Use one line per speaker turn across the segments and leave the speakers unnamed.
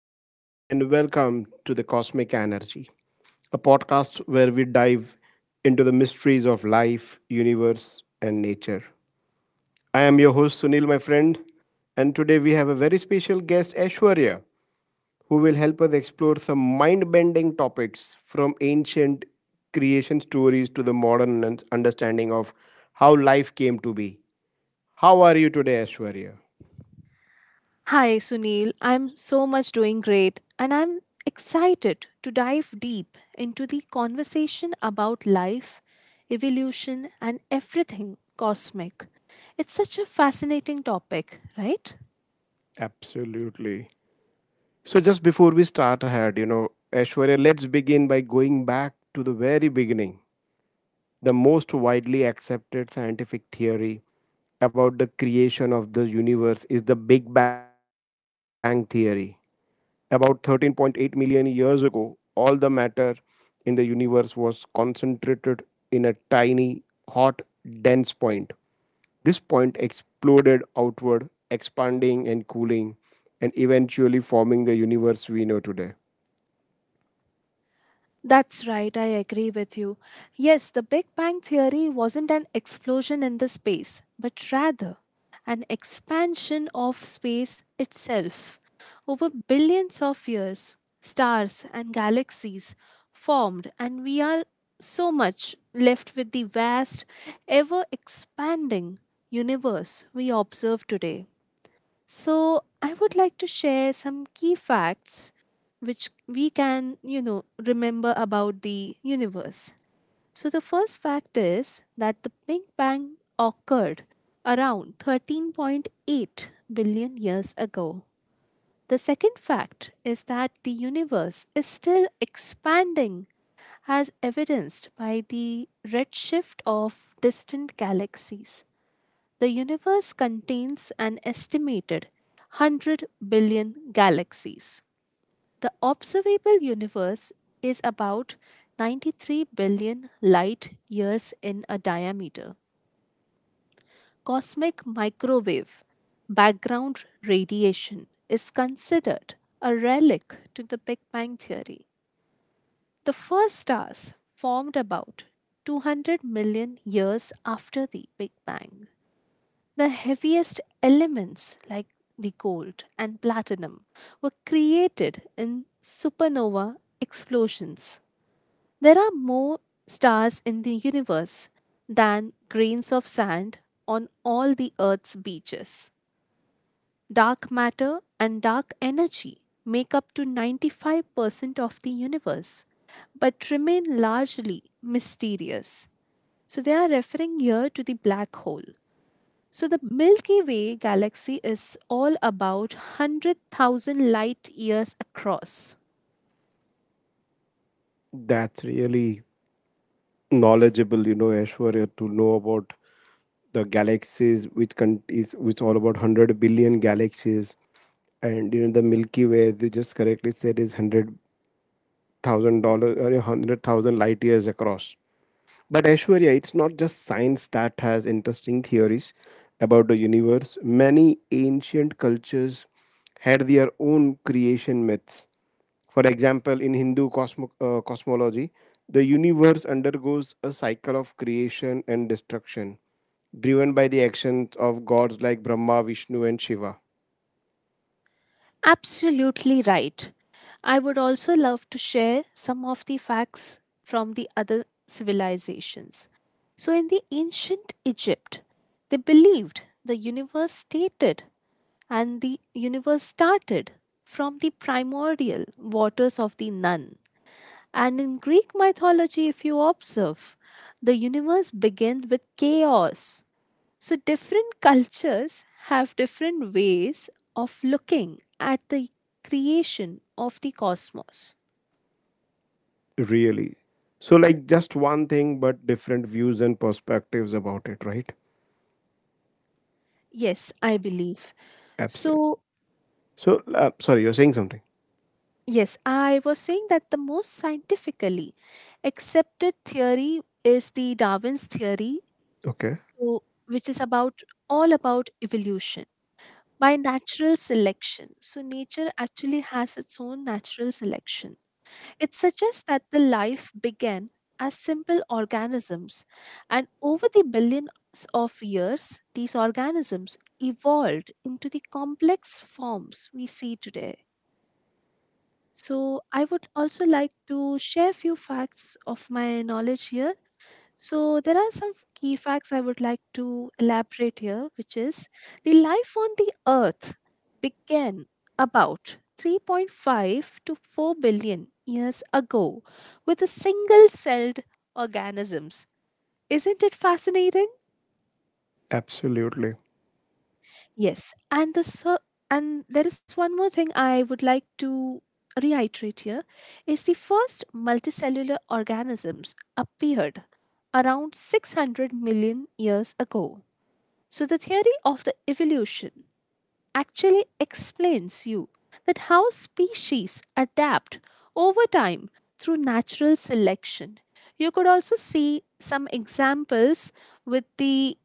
Good evening and welcome to the Cosmic Energy, a podcast where we dive into the mysteries of life, universe, and nature. I am your host Sunil, my friend, and today we have a very special guest, Ashwarya, who will help us explore some mind bending topics from ancient creation stories to the modern understanding of how life came to be. How are you today, Ashwarya?
Hi, Sunil. I'm so much doing great, and I'm excited to dive deep into the conversation about life, evolution, and everything cosmic. It's such a fascinating topic, right?
Absolutely. So just before we start ahead, Aishwarya, let's begin by going back to the very beginning. The most widely accepted scientific theory about the creation of the universe is the Big Bang Theory. About 13.8 million years ago, all the matter in the universe was concentrated in a tiny, hot, dense point. This point exploded outward, expanding and cooling, and eventually forming the universe we know today.
That's right, I agree with you. Yes, the Big Bang Theory wasn't an explosion in the space, but rather an expansion of space itself. Over billions of years, stars and galaxies formed, and we are so much left with the vast, ever expanding universe we observe today. So, I would like to share some key facts which we can, remember about the universe. So, the first fact is that the Big Bang occurred around 13.8 billion years ago. The second fact is that the universe is still expanding, as evidenced by the redshift of distant galaxies. The universe contains an estimated 100 billion galaxies. The observable universe is about 93 billion light years in a diameter. Cosmic microwave background radiation is considered a relic to the Big Bang theory. The first stars formed about 200 million years after the Big Bang. The heaviest elements, like the gold and platinum, were created in supernova explosions. There are more stars in the universe than grains of sand on all the Earth's beaches. Dark matter and dark energy make up to 95% of the universe, but remain largely mysterious. So they are referring here to the black hole. So, the Milky Way galaxy is all about 100,000 light years across.
That's really knowledgeable, you know, Aishwarya, to know about the galaxies, which con- is which all about 100 billion galaxies, and you know the Milky Way. They just correctly said is $100,000 or 100,000 light years across. But Aishwarya, it's not just science that has interesting theories about the universe. Many ancient cultures had their own creation myths. For example, in Hindu cosmology, the universe undergoes a cycle of creation and destruction, driven by the actions of gods like Brahma, Vishnu, and Shiva.
Absolutely right. I would also love to share some of the facts from the other civilizations. So, in the ancient Egypt, they believed the universe started from the primordial waters of the Nun. And in Greek mythology, if you observe, the universe began with chaos. So different cultures have different ways of looking at the creation of the cosmos.
Really. So, like, just one thing, but different views and perspectives about it, right?
Yes, I believe.
Absolutely.
So,
So, sorry, you're saying something.
yes, I was saying that the most scientifically accepted theory is the Darwin's theory,
Okay.
who- which is about all about evolution by natural selection. So, nature actually has its own natural selection. It suggests that the life began as simple organisms, and over the billions of years, these organisms evolved into the complex forms we see today. So, I would also like to share a few facts of my knowledge here. So, there are some key facts I would like to elaborate here, which is the life on the earth began about 3.5 to 4 billion years ago with a single celled organisms. Isn't it fascinating?
Absolutely.
Yes, and there is one more thing I would like to reiterate here is the first multicellular organisms appeared around 600 million years ago. So the theory of the evolution actually explains you that how species adapt over time through natural selection. You could also see some examples with the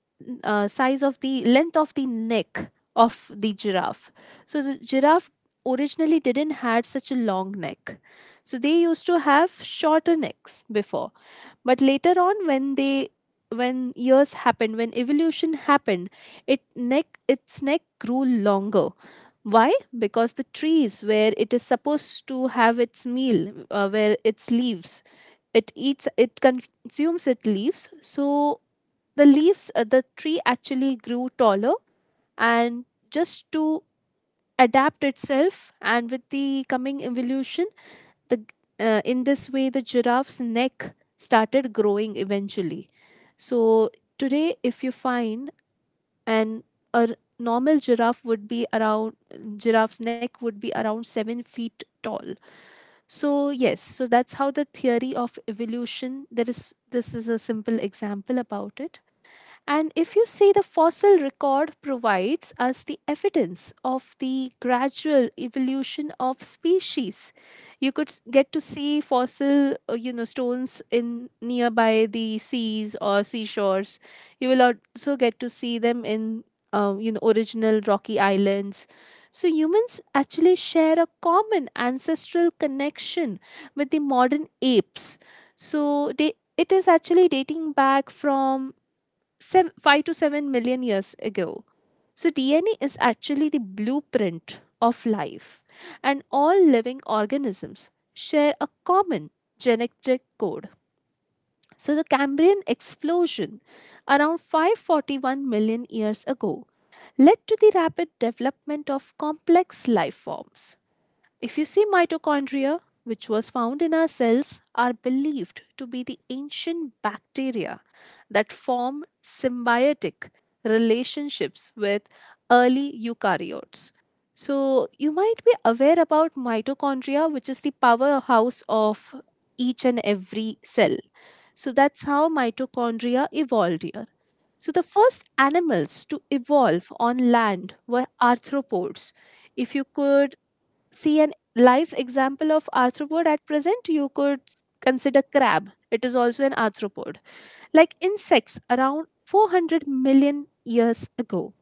size of the length of the neck of the giraffe. So the giraffe originally didn't had such a long neck. So they used to have shorter necks before, but later on, when they when years happened, when evolution happened, it neck its neck grew longer. Why? Because the trees where it is supposed to have its meal, where its leaves it eats it consumes its leaves, so the leaves, the tree actually grew taller, and just to adapt itself, and with the coming evolution, the, in this way, the giraffe's neck started growing eventually. So today, if you find an a normal giraffe's neck would be around 7 feet tall. So yes, so that's how the theory of evolution. There is This is a simple example about it. And if you see, the fossil record provides us the evidence of the gradual evolution of species. You could get to see fossil, stones in nearby the seas or seashores. You will also get to see them in, original rocky islands. So humans actually share a common ancestral connection with the modern apes. So it is actually dating back from 5 to 7 million years ago. So, DNA is actually the blueprint of life, and all living organisms share a common genetic code. So, the Cambrian explosion around 541 million years ago led to the rapid development of complex life forms. If you see, mitochondria, which was found in our cells, are believed to be the ancient bacteria that form symbiotic relationships with early eukaryotes. So, you might be aware about mitochondria, which is the powerhouse of each and every cell. So, that's how mitochondria evolved here. So, the first animals to evolve on land were arthropods. If you could see an live example of arthropod at present, you could consider crab. It is also an arthropod. Like insects around 400 million years ago.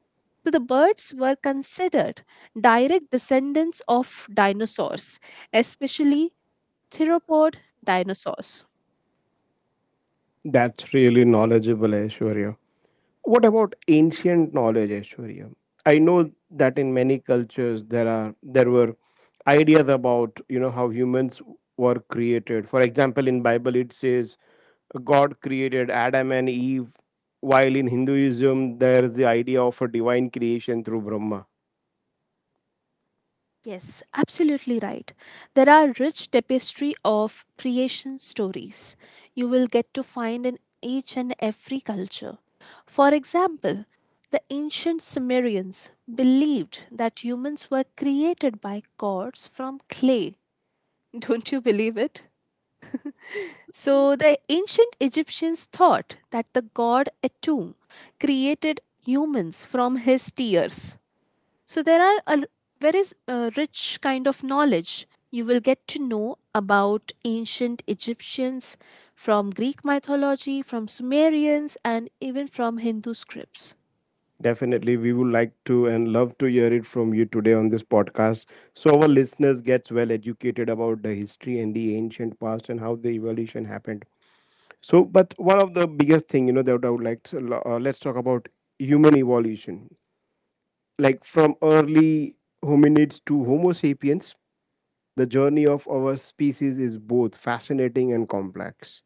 So the birds were considered direct descendants of dinosaurs, especially theropod dinosaurs.
That's really knowledgeable, Aishwarya. What about ancient knowledge, Aishwarya? I know that in many cultures there were ideas about you know how humans were created. For example, in Bible it says God created Adam and Eve, while in Hinduism there is the idea of a divine creation through Brahma.
Yes, absolutely right. There are rich tapestry of creation stories you will get to find in each and every culture. For example, the ancient Sumerians believed that humans were created by gods from clay. Don't you believe it? So, the ancient Egyptians thought that the god Atum created humans from his tears. So there is a rich kind of knowledge. You will get to know about ancient Egyptians from Greek mythology, from Sumerians, and even from Hindu scripts.
Definitely, we would like to and love to hear it from you today on this podcast, so our listeners gets well educated about the history and the ancient past and how the evolution happened. So, but one of the biggest thing, you know, that I would like to, let's talk about human evolution. Like from early hominids to Homo sapiens, the journey of our species is both fascinating and complex.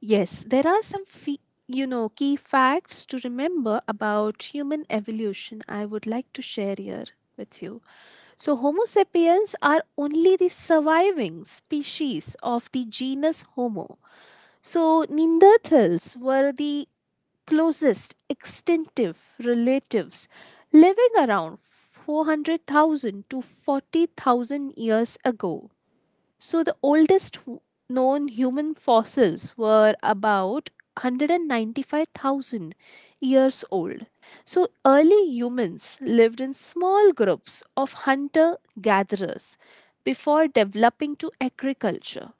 Yes, there are some key facts to remember about human evolution. I would like to share here with you. So, Homo sapiens are only the surviving species of the genus Homo. So, Neanderthals were the closest extensive relatives living around 400,000 to 40,000 years ago. So, the oldest known human fossils were about 195,000 years old. So, early humans lived in small groups of hunter gatherers before developing to agriculture.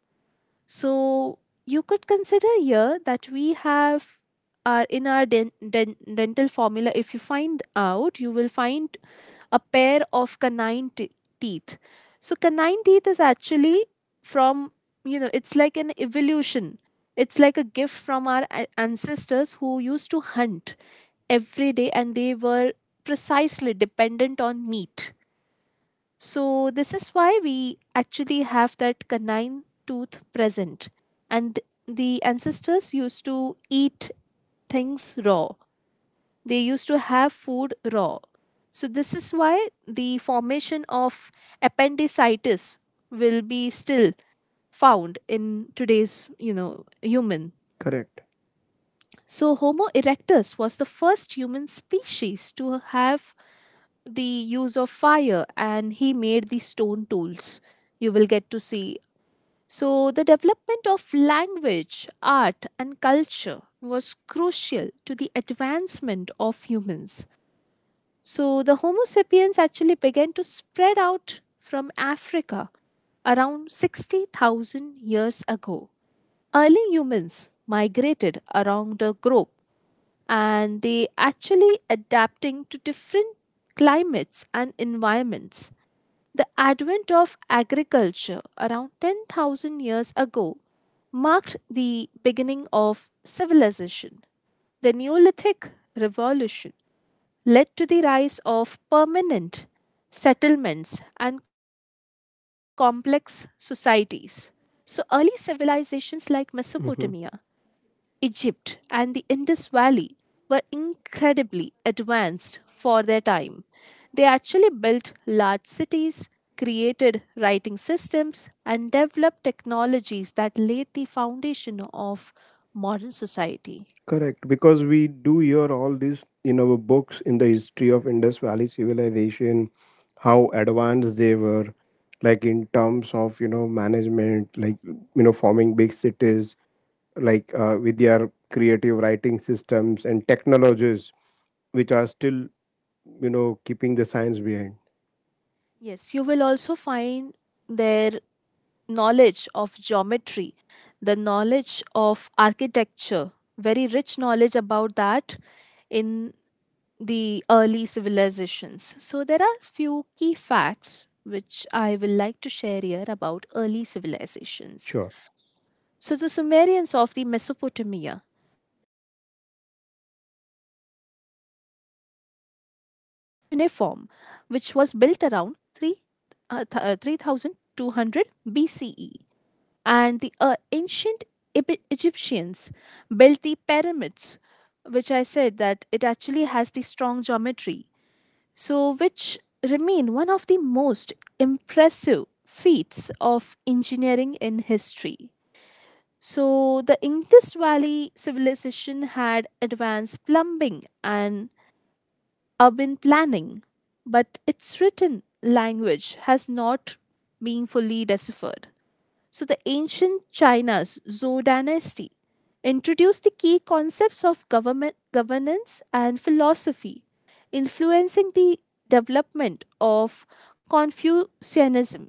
So you could consider here that we have our in our den- den- dental formula. If you find out, you will find a pair of canine teeth. So canine teeth is actually from it's like an evolution. It's like a gift from our ancestors who used to hunt every day and they were precisely dependent on meat, so this is why we actually have that canine tooth present. And the ancestors used to eat things raw, they used to have food raw. So, this is why the formation of appendicitis will be still found in today's, human.
Correct.
So, Homo erectus was the first human species to have the use of fire, and he made the stone tools you will get to see. So the development of language, art, and culture was crucial to the advancement of humans. So the Homo sapiens actually began to spread out from Africa around 60,000 years ago. Early humans migrated around the globe, and they actually adapting to different climates and environments. The advent of agriculture around 10,000 years ago marked the beginning of civilization. The Neolithic Revolution led to the rise of permanent settlements and complex societies. So, early civilizations like Mesopotamia,
Mhm.
Egypt, and the Indus Valley were incredibly advanced for their time. They actually built large cities, created writing systems, and developed technologies that laid the foundation of modern society.
Correct, because we do hear all this in our books in the history of Indus Valley civilization, how advanced they were, like in terms of you know management, like you know forming big cities, like with their creative writing systems and technologies, which are still you know keeping the science behind.
Yes, you will also find their knowledge of geometry, the knowledge of architecture, very rich knowledge about that in the early civilizations. So there are few key facts which I will like to share here about early civilizations.
Sure.
So the Sumerians of the Mesopotamia developed the first known writing system, which is cuneiform, which was built around 3 3200 BCE. And the ancient Egyptians built the pyramids, which I said that it actually has the strong geometry, so which remain one of the most impressive feats of engineering in history. So the Indus Valley civilization had advanced plumbing and urban planning, but its written language has not been fully deciphered. So, the ancient China's Zhou dynasty introduced the key concepts of government, governance, and philosophy, influencing the development of Confucianism.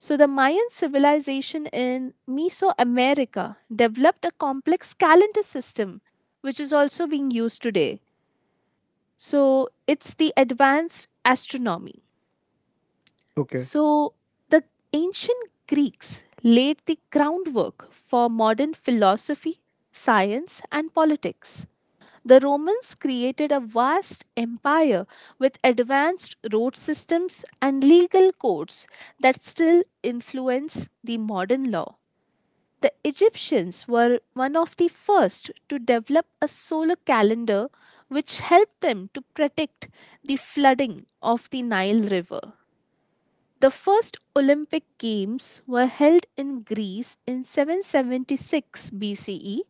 So, the Mayan civilization in Mesoamerica developed a complex calendar system, which is also being used today. So, it's the advanced astronomy.
Okay.
So, the ancient Greeks laid the groundwork for modern philosophy, science, and politics. The Romans created a vast empire with advanced road systems and legal codes that still influence the modern law. The Egyptians were one of the first to develop a solar calendar which helped them to predict the flooding of the Nile River. The first Olympic Games were held in Greece in 776 BCE,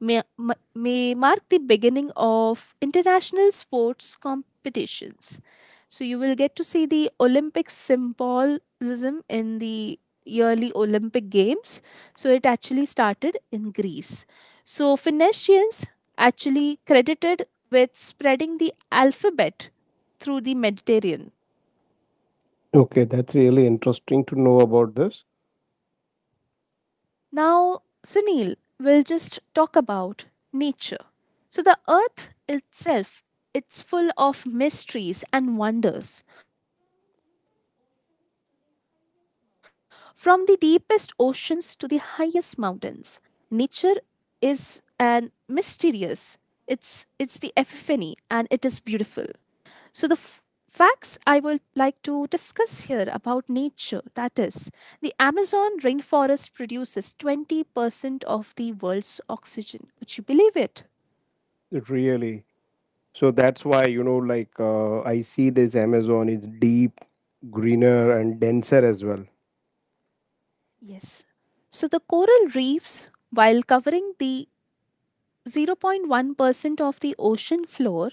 may mark the beginning of international sports competitions. So you will get to see the Olympic symbolism in the yearly Olympic Games. So it actually started in Greece. So Phoenicians actually credited with spreading the alphabet through the Mediterranean.
Okay, that's really interesting to know about this.
Now, Sunil will just talk about nature. So, the earth itself, it's full of mysteries and wonders. From the deepest oceans to the highest mountains, nature is an mysterious. It's the epiphany and it is beautiful. So, the facts I would like to discuss here about nature that is, the Amazon rainforest produces 20% of the world's oxygen. Would you believe it?
It really. So that's why, you know, like I see this Amazon is deep, greener, and denser as well.
Yes. So, the coral reefs, while covering the 0.1% of the ocean floor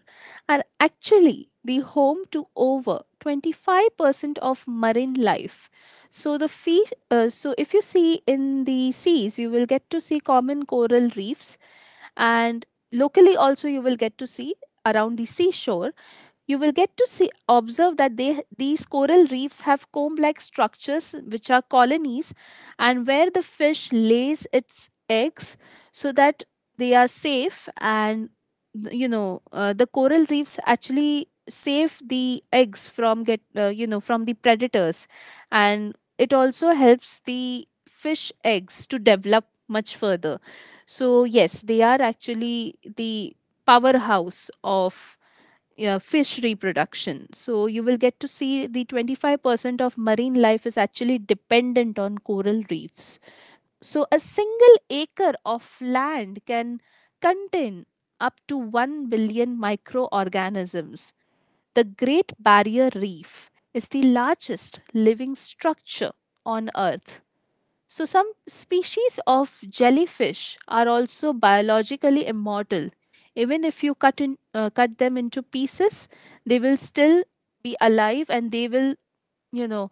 are actually the home to over 25% of marine life. So so if you see in the seas, you will get to see common coral reefs, and locally also you will get to see around the seashore. You will get to see observe that they these coral reefs have comb like structures which are colonies, and where the fish lays its eggs so that they are safe, and the coral reefs actually save the eggs from get you know from the predators. And it also helps the fish eggs to develop much further. So yes, they are actually the powerhouse of, yeah, fish reproduction. So you will get to see the 25% of marine life is actually dependent on coral reefs. So, a single acre of land can contain up to 1 billion microorganisms. The Great Barrier Reef is the largest living structure on Earth. So, some species of jellyfish are also biologically immortal. Even if you cut them into pieces, they will still be alive, and they will, you know,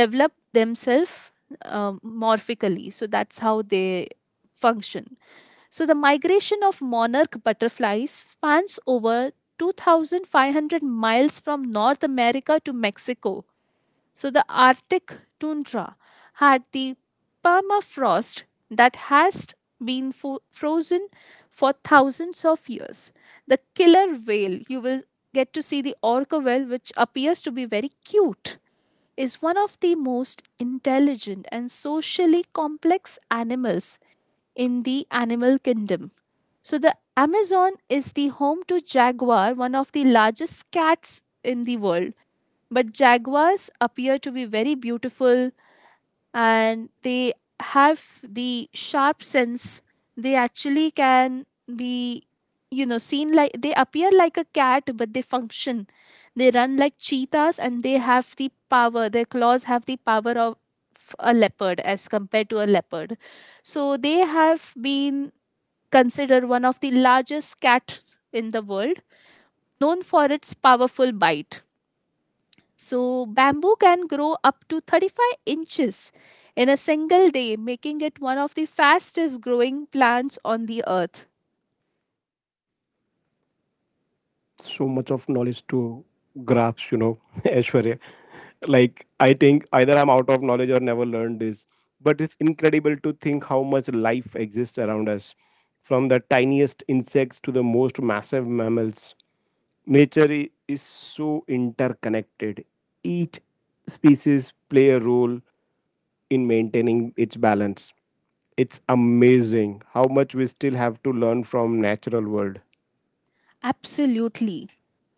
develop themselves morphically. So that's how they function. So the migration of monarch butterflies spans over 2,500 miles from north america to mexico. So the arctic tundra had the permafrost that has been frozen for thousands of years. The killer whale, you will get to see the orca whale, which appears to be very cute, is one of the most intelligent and socially complex animals in the animal kingdom. So, the Amazon is the home to jaguar, one of the largest cats in the world. But jaguars appear to be very beautiful, and they have the sharp sense. They actually can be, you know, seen like they appear like a cat, but they function, they run like cheetahs, and they have the power, their claws have the power of a leopard as compared to a leopard. So they have been considered one of the largest cats in the world, known for its powerful bite. So, bamboo can grow up to 35 inches in a single day, making it one of the fastest growing plants on the earth.
So much of knowledge to grasp, you know, Aishwarya. Like, I think either I'm out of knowledge or never learned this. But it's incredible to think how much life exists around us, from the tiniest insects to the most massive mammals. Nature is so interconnected. Each species play a role in maintaining its balance. It's amazing how much we still have to learn from natural world.
Absolutely.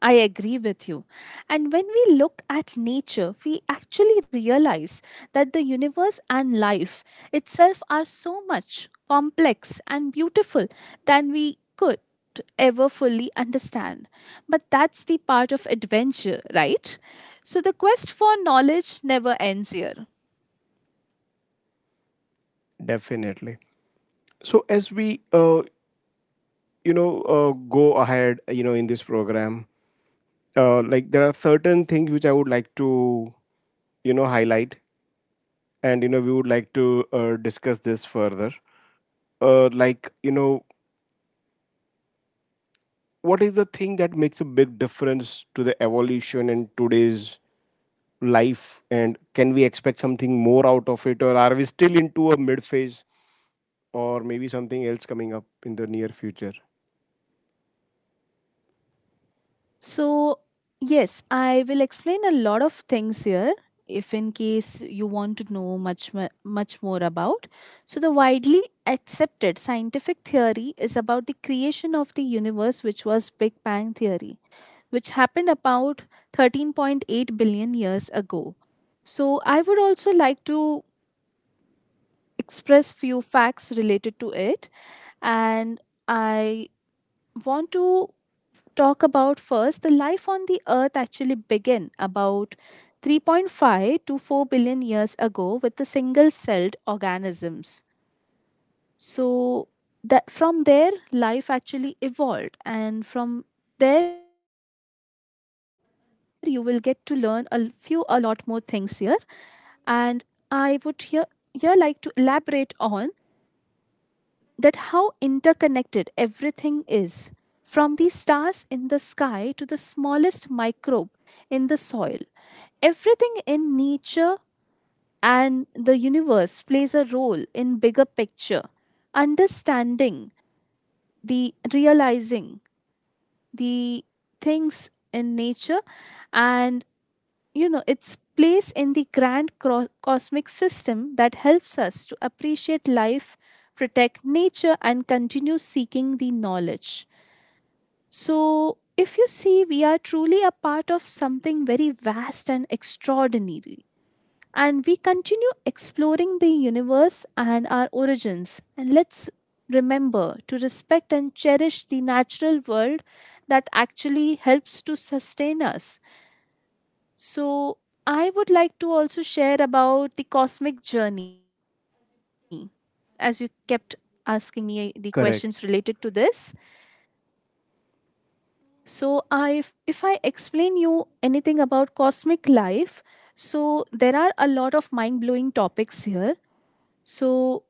I agree with you. And when we look at nature, we actually realize that the universe and life itself are so much complex and beautiful than we could ever fully understand. But that's the part of adventure, right? So the quest for knowledge never ends here.
Definitely. So as we go ahead, you know, in this program, like there are certain things which I would like to you know highlight, and you know we would like to discuss this further. Like you know, what is the thing that makes a big difference to the evolution in today's life, and can we expect something more out of it, or are we still into a mid phase, or maybe something else coming up in the near future?
So, yes, I will explain a lot of things here if in case you want to know much more about. So, the widely accepted scientific theory is about the creation of the universe, which was Big Bang theory, which happened about 13.8 billion years ago. So, I would also like to express few facts related to it, and I want to talk about first the life on the earth actually began about 3.5 to 4 billion years ago with the single celled organisms. So that from there life actually evolved, and from there you will get to learn a l- few a lot more things here. And I would here like to elaborate on that how interconnected everything is, from the stars in the sky to the smallest microbe in the soil. Everything in nature and the universe plays a role in bigger picture, understanding the, realizing the things in nature, and, you know, its place in the grand cosmic system, that helps us to appreciate life, protect nature, and continue seeking the knowledge. So if you see, we are truly a part of something very vast and extraordinary, and we continue exploring the universe and our origins, and let's remember to respect and cherish the natural world that actually helps to sustain us. So, I would like to also share about the cosmic journey, as you kept asking me the questions related to this.
Correct.
So, I if, I explain you anything about cosmic life, so there are a lot of mind-blowing topics here. So,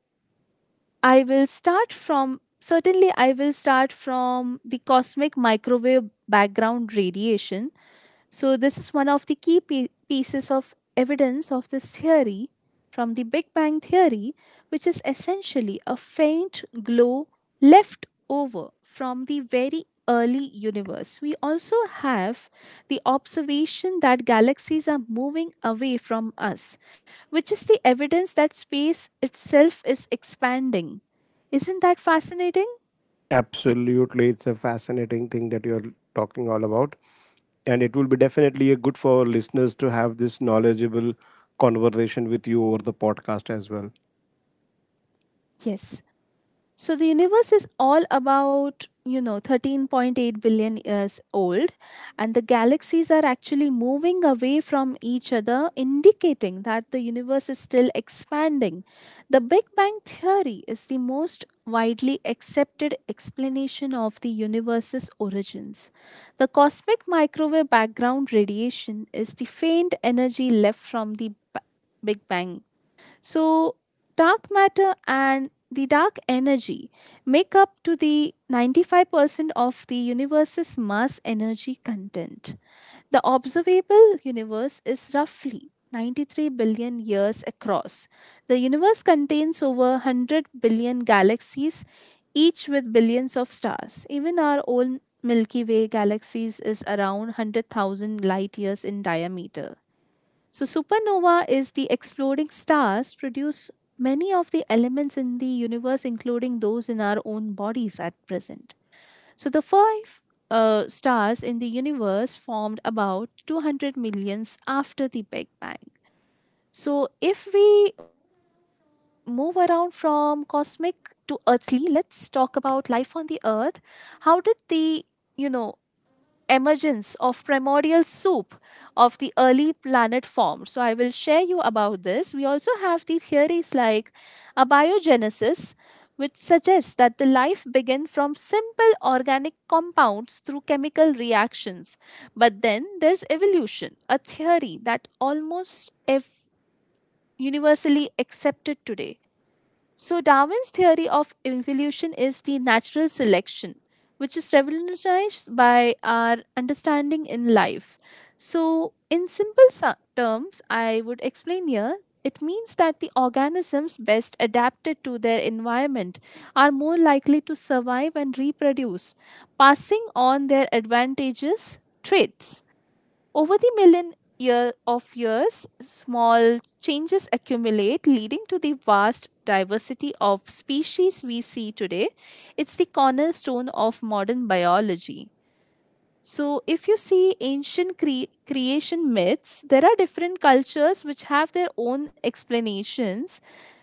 I will start from, certainly I will start from the cosmic microwave background radiation. So, this is one of the key pieces of evidence of this theory, from the Big Bang Theory, which is essentially a faint glow left over from the very early universe. We also have the observation that galaxies are moving away from us, which is the evidence that space itself is expanding. Isn't that fascinating?
Absolutely, it's a fascinating thing that you're talking all about, and it will be definitely a good for our listeners to have this knowledgeable conversation with you over the podcast as well.
Yes. So the universe is all about, you know, 13.8 billion years old, and the galaxies are actually moving away from each other, indicating that the universe is still expanding. The Big Bang theory is the most widely accepted explanation of the universe's origins. The cosmic microwave background radiation is the faint energy left from the Big Bang. So, dark matter and the dark energy make up to the 95% of the universe's mass energy content. The observable universe is roughly 93 billion years across. The universe contains over 100 billion galaxies, each with billions of stars. Even our own Milky Way galaxies is around 100,000 light years in diameter. So, supernova is the exploding stars, produce many of the elements in the universe, including those in our own bodies at present. So, the five stars in the universe formed about 200 millions after the Big Bang. So, if we move around from cosmic to earthly, let's talk about life on the earth. How did the, you know, emergence of primordial soup of the early planet form. So I will share you about this. We also have the theories like abiogenesis, which suggests that the life began from simple organic compounds through chemical reactions. But then there's evolution, a theory that universally accepted today. So, Darwin's theory of evolution is the natural selection, which is revolutionized by our understanding in life. So, in simple terms, I would explain here, it means that the organisms best adapted to their environment are more likely to survive and reproduce, passing on their advantages, traits. Over the million year of years, small changes accumulate, leading to the vast diversity of species we see today. It's the cornerstone of modern biology. So, if you see ancient creation myths, there are different cultures which have their own explanations.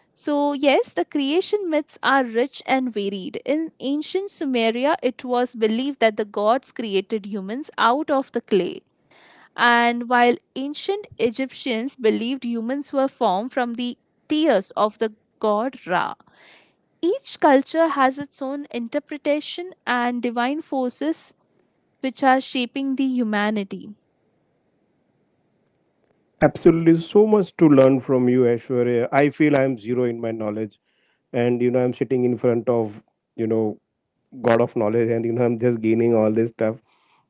So, yes, the creation myths are rich and varied. In ancient Sumeria, it was believed that the gods created humans out of the clay. And while ancient Egyptians believed humans were formed from the tears of the god Ra, each culture has its own interpretation and divine forces which are shaping the humanity.
Absolutely, so much to learn from you, Aishwarya. I feel I'm zero in my knowledge, and you know I'm sitting in front of, you know, god of knowledge, and you know I'm just gaining all this stuff.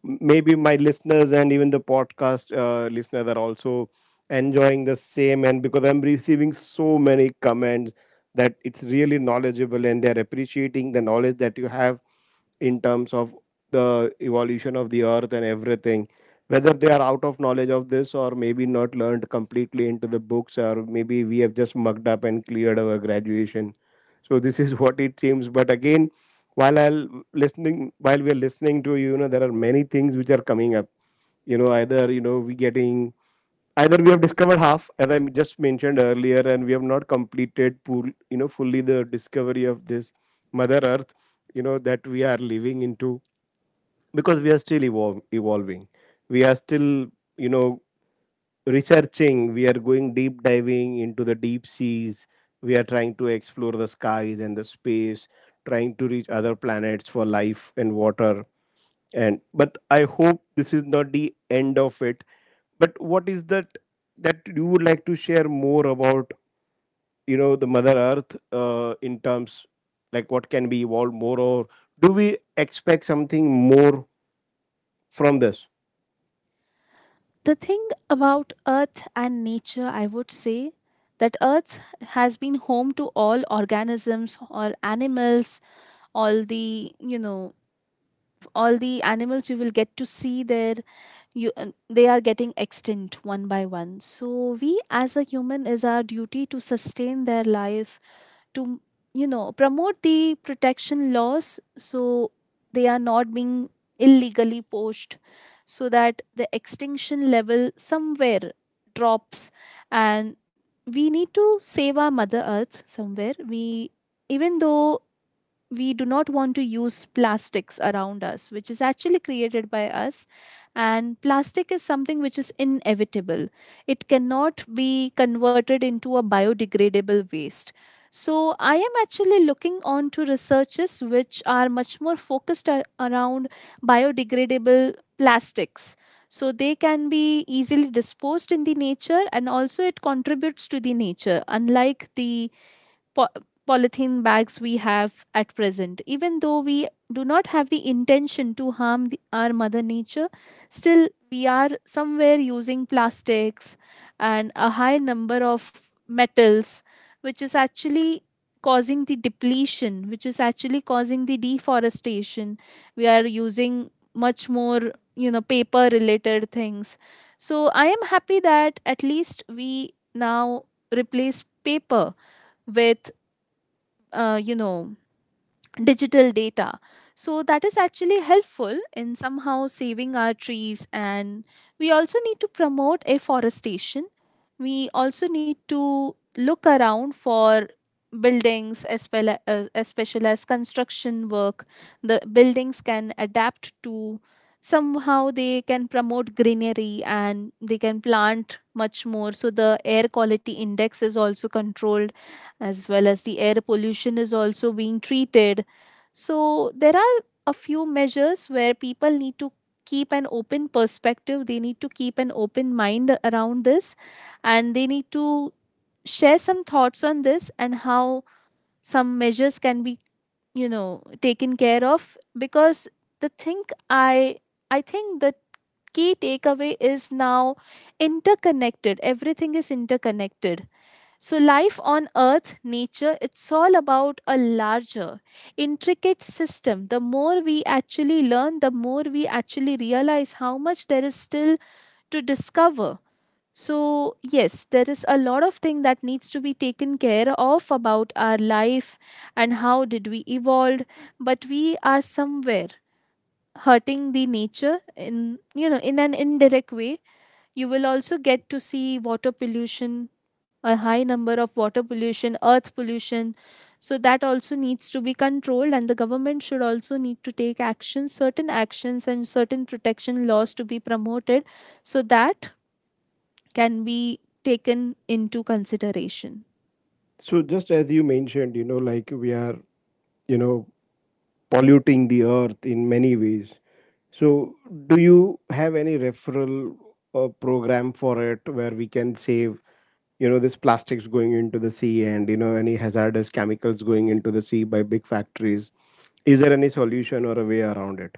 Maybe my listeners and even the podcast listeners are also enjoying the same, and because I'm receiving so many comments that it's really knowledgeable, and they're appreciating the knowledge that you have in terms of the evolution of the earth and everything, whether they are out of knowledge of this or maybe not learned completely into the books, or maybe we have just mugged up and cleared our graduation. So this is what it seems. But again, while i'll while we're listening to you, you know there are many things which are coming up. You know, either you know we getting either we have discovered half, as I just mentioned earlier, and we have not completed pool, you know, fully the discovery of this mother earth, you know, that we are living into, because we are still evolving. We are still, you know, researching. We are going deep diving into the deep seas. We are trying to explore the skies and the space, trying to reach other planets for life and water. And but I hope this is not the end of it. But what is that that you would like to share more about, you know, the mother earth, in terms like what can be evolved more, or do we expect something more from this?
The thing about earth and nature, I would say, that earth has been home to all organisms, all animals, all the, you know, all the animals you will get to see there. You They are getting extinct one by one, so we as a human is our duty to sustain their life, to, you know, promote the protection laws so they are not being illegally poached, so that the extinction level somewhere drops. And we need to save our mother earth somewhere. We, even though we do not want to use plastics around us, which is actually created by us. And plastic is something which is inevitable, it cannot be converted into a biodegradable waste. So, I am actually looking on to researches which are much more focused around biodegradable plastics. So, they can be easily disposed in the nature and also it contributes to the nature, unlike the po- polythene bags we have at present. Even though we do not have the intention to harm the, our mother nature, still we are somewhere using plastics and a high number of metals, which is actually causing the depletion, which is actually causing the deforestation. We are using much more, you know, paper related things. So I am happy that at least we now replace paper with you know, digital data. So that is actually helpful in somehow saving our trees, and we also need to promote afforestation. We also need to look around for buildings as well as special as construction work. The buildings can adapt to, somehow they can promote greenery, and they can plant much more so the air quality index is also controlled, as well as the air pollution is also being treated. So there are a few measures where people need to keep an open perspective, they need to keep an open mind around this, and they need to share some thoughts on this and how some measures can be, you know, taken care of. Because the thing, i I think the key takeaway is now interconnected, everything is interconnected. So, life on Earth, nature, it's all about a larger, intricate system. The more we actually learn, the more we actually realize how much there is still to discover. So, yes, there is a lot of thing that needs to be taken care of about our life and how did we evolve, but we are somewhere hurting the nature in, you know, in an indirect way. You will also get to see water pollution, a high number of water pollution, earth pollution. So that also needs to be controlled, and the government should also need to take actions, certain actions, and certain protection laws to be promoted so that can be taken into consideration.
So just as you mentioned, you know, like we are, you know, polluting the earth in many ways. So do you have any referral program for it where we can save, you know, this plastics going into the sea, and, you know, any hazardous chemicals going into the sea by big factories? Is there any solution or a way around it?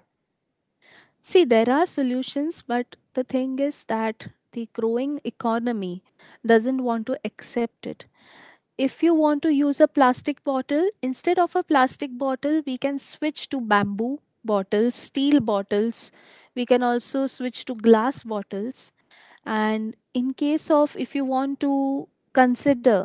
See, there are solutions, but the thing is that the growing economy doesn't want to accept it. If you want to use a plastic bottle, instead of a plastic bottle we can switch to bamboo bottles, steel bottles. We can also switch to glass bottles. And in case of if you want to consider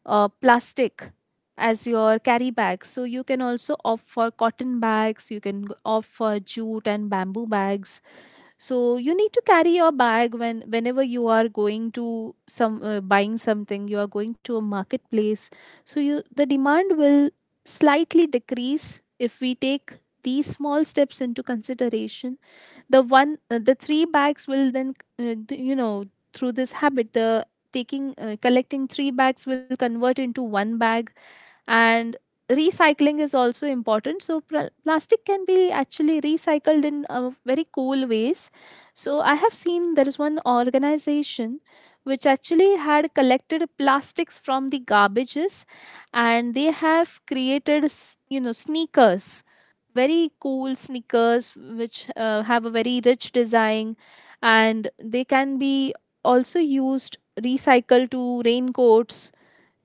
plastic as your carry bag, so you can also opt for cotton bags, you can opt for jute and bamboo bags. So you need to carry your bag when whenever you are going to some buying something, you are going to a marketplace. So you, the demand will slightly decrease if we take these small steps into consideration. The one uh, the three bags will then you know, through this habit, the taking collecting three bags will convert into one bag. And recycling is also important, so plastic can be actually recycled in very cool ways. So I have seen there is one organization which actually had collected plastics from the garbages, and they have created you know, sneakers, very cool sneakers which have a very rich design. And they can be also used, recycled to raincoats,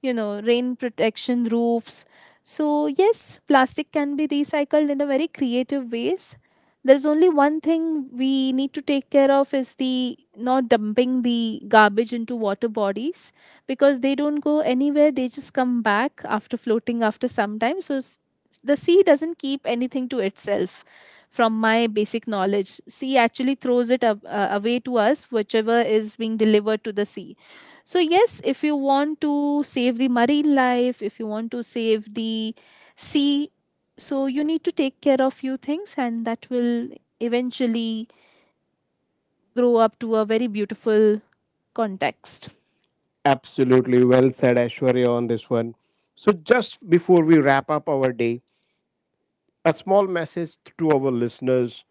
you know, rain protection roofs. So, yes, plastic can be recycled in a very creative ways. There's only one thing we need to take care of, is the not dumping the garbage into water bodies, because they don't go anywhere. They just come back after floating after some time. So the sea doesn't keep anything to itself from my basic knowledge. Sea actually throws it up, away to us, whichever is being delivered to the sea. So, yes, if you want to save the marine life, if you want to save the sea, so you need to take care of few things and that will eventually grow up to a very beautiful context.
Absolutely well said, Ashwarya, on this one. So just before we wrap up our day, a small message to our listeners.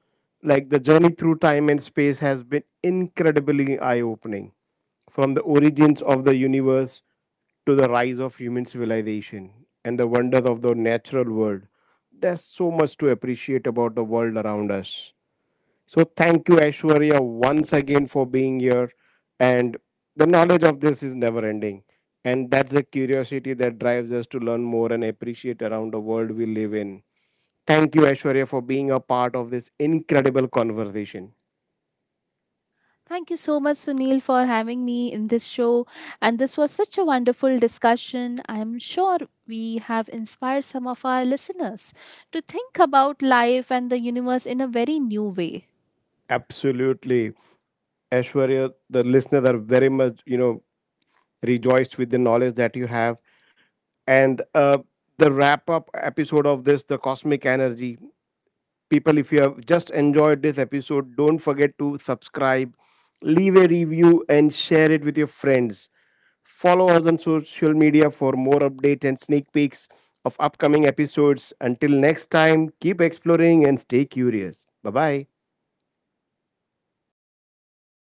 Like, the journey through time and space has been incredibly eye opening, from the origins of the universe to the rise of human civilization and the wonders of the natural world. There's so much to appreciate about the world around us. So thank you, Aishwarya, once again for being here. And the knowledge of this is never ending, and that's the curiosity that drives us to learn more and appreciate around the world we live in. Thank you, Aishwarya, for being a part of this incredible conversation.
Thank you so much, Sunil, for having me in this show. And this was such a wonderful discussion. I'm sure we have inspired some of our listeners to think about life and the universe in a very new way.
Absolutely. Aishwarya, the listeners are very much, you know, rejoiced with the knowledge that you have. And the wrap up episode of this, The Cosmic Energy. People, if you have just enjoyed this episode, don't forget to subscribe, leave a review, and share it with your friends. Follow us on social media for more updates and sneak peeks of upcoming episodes. Until next time, keep exploring and stay curious. Bye bye.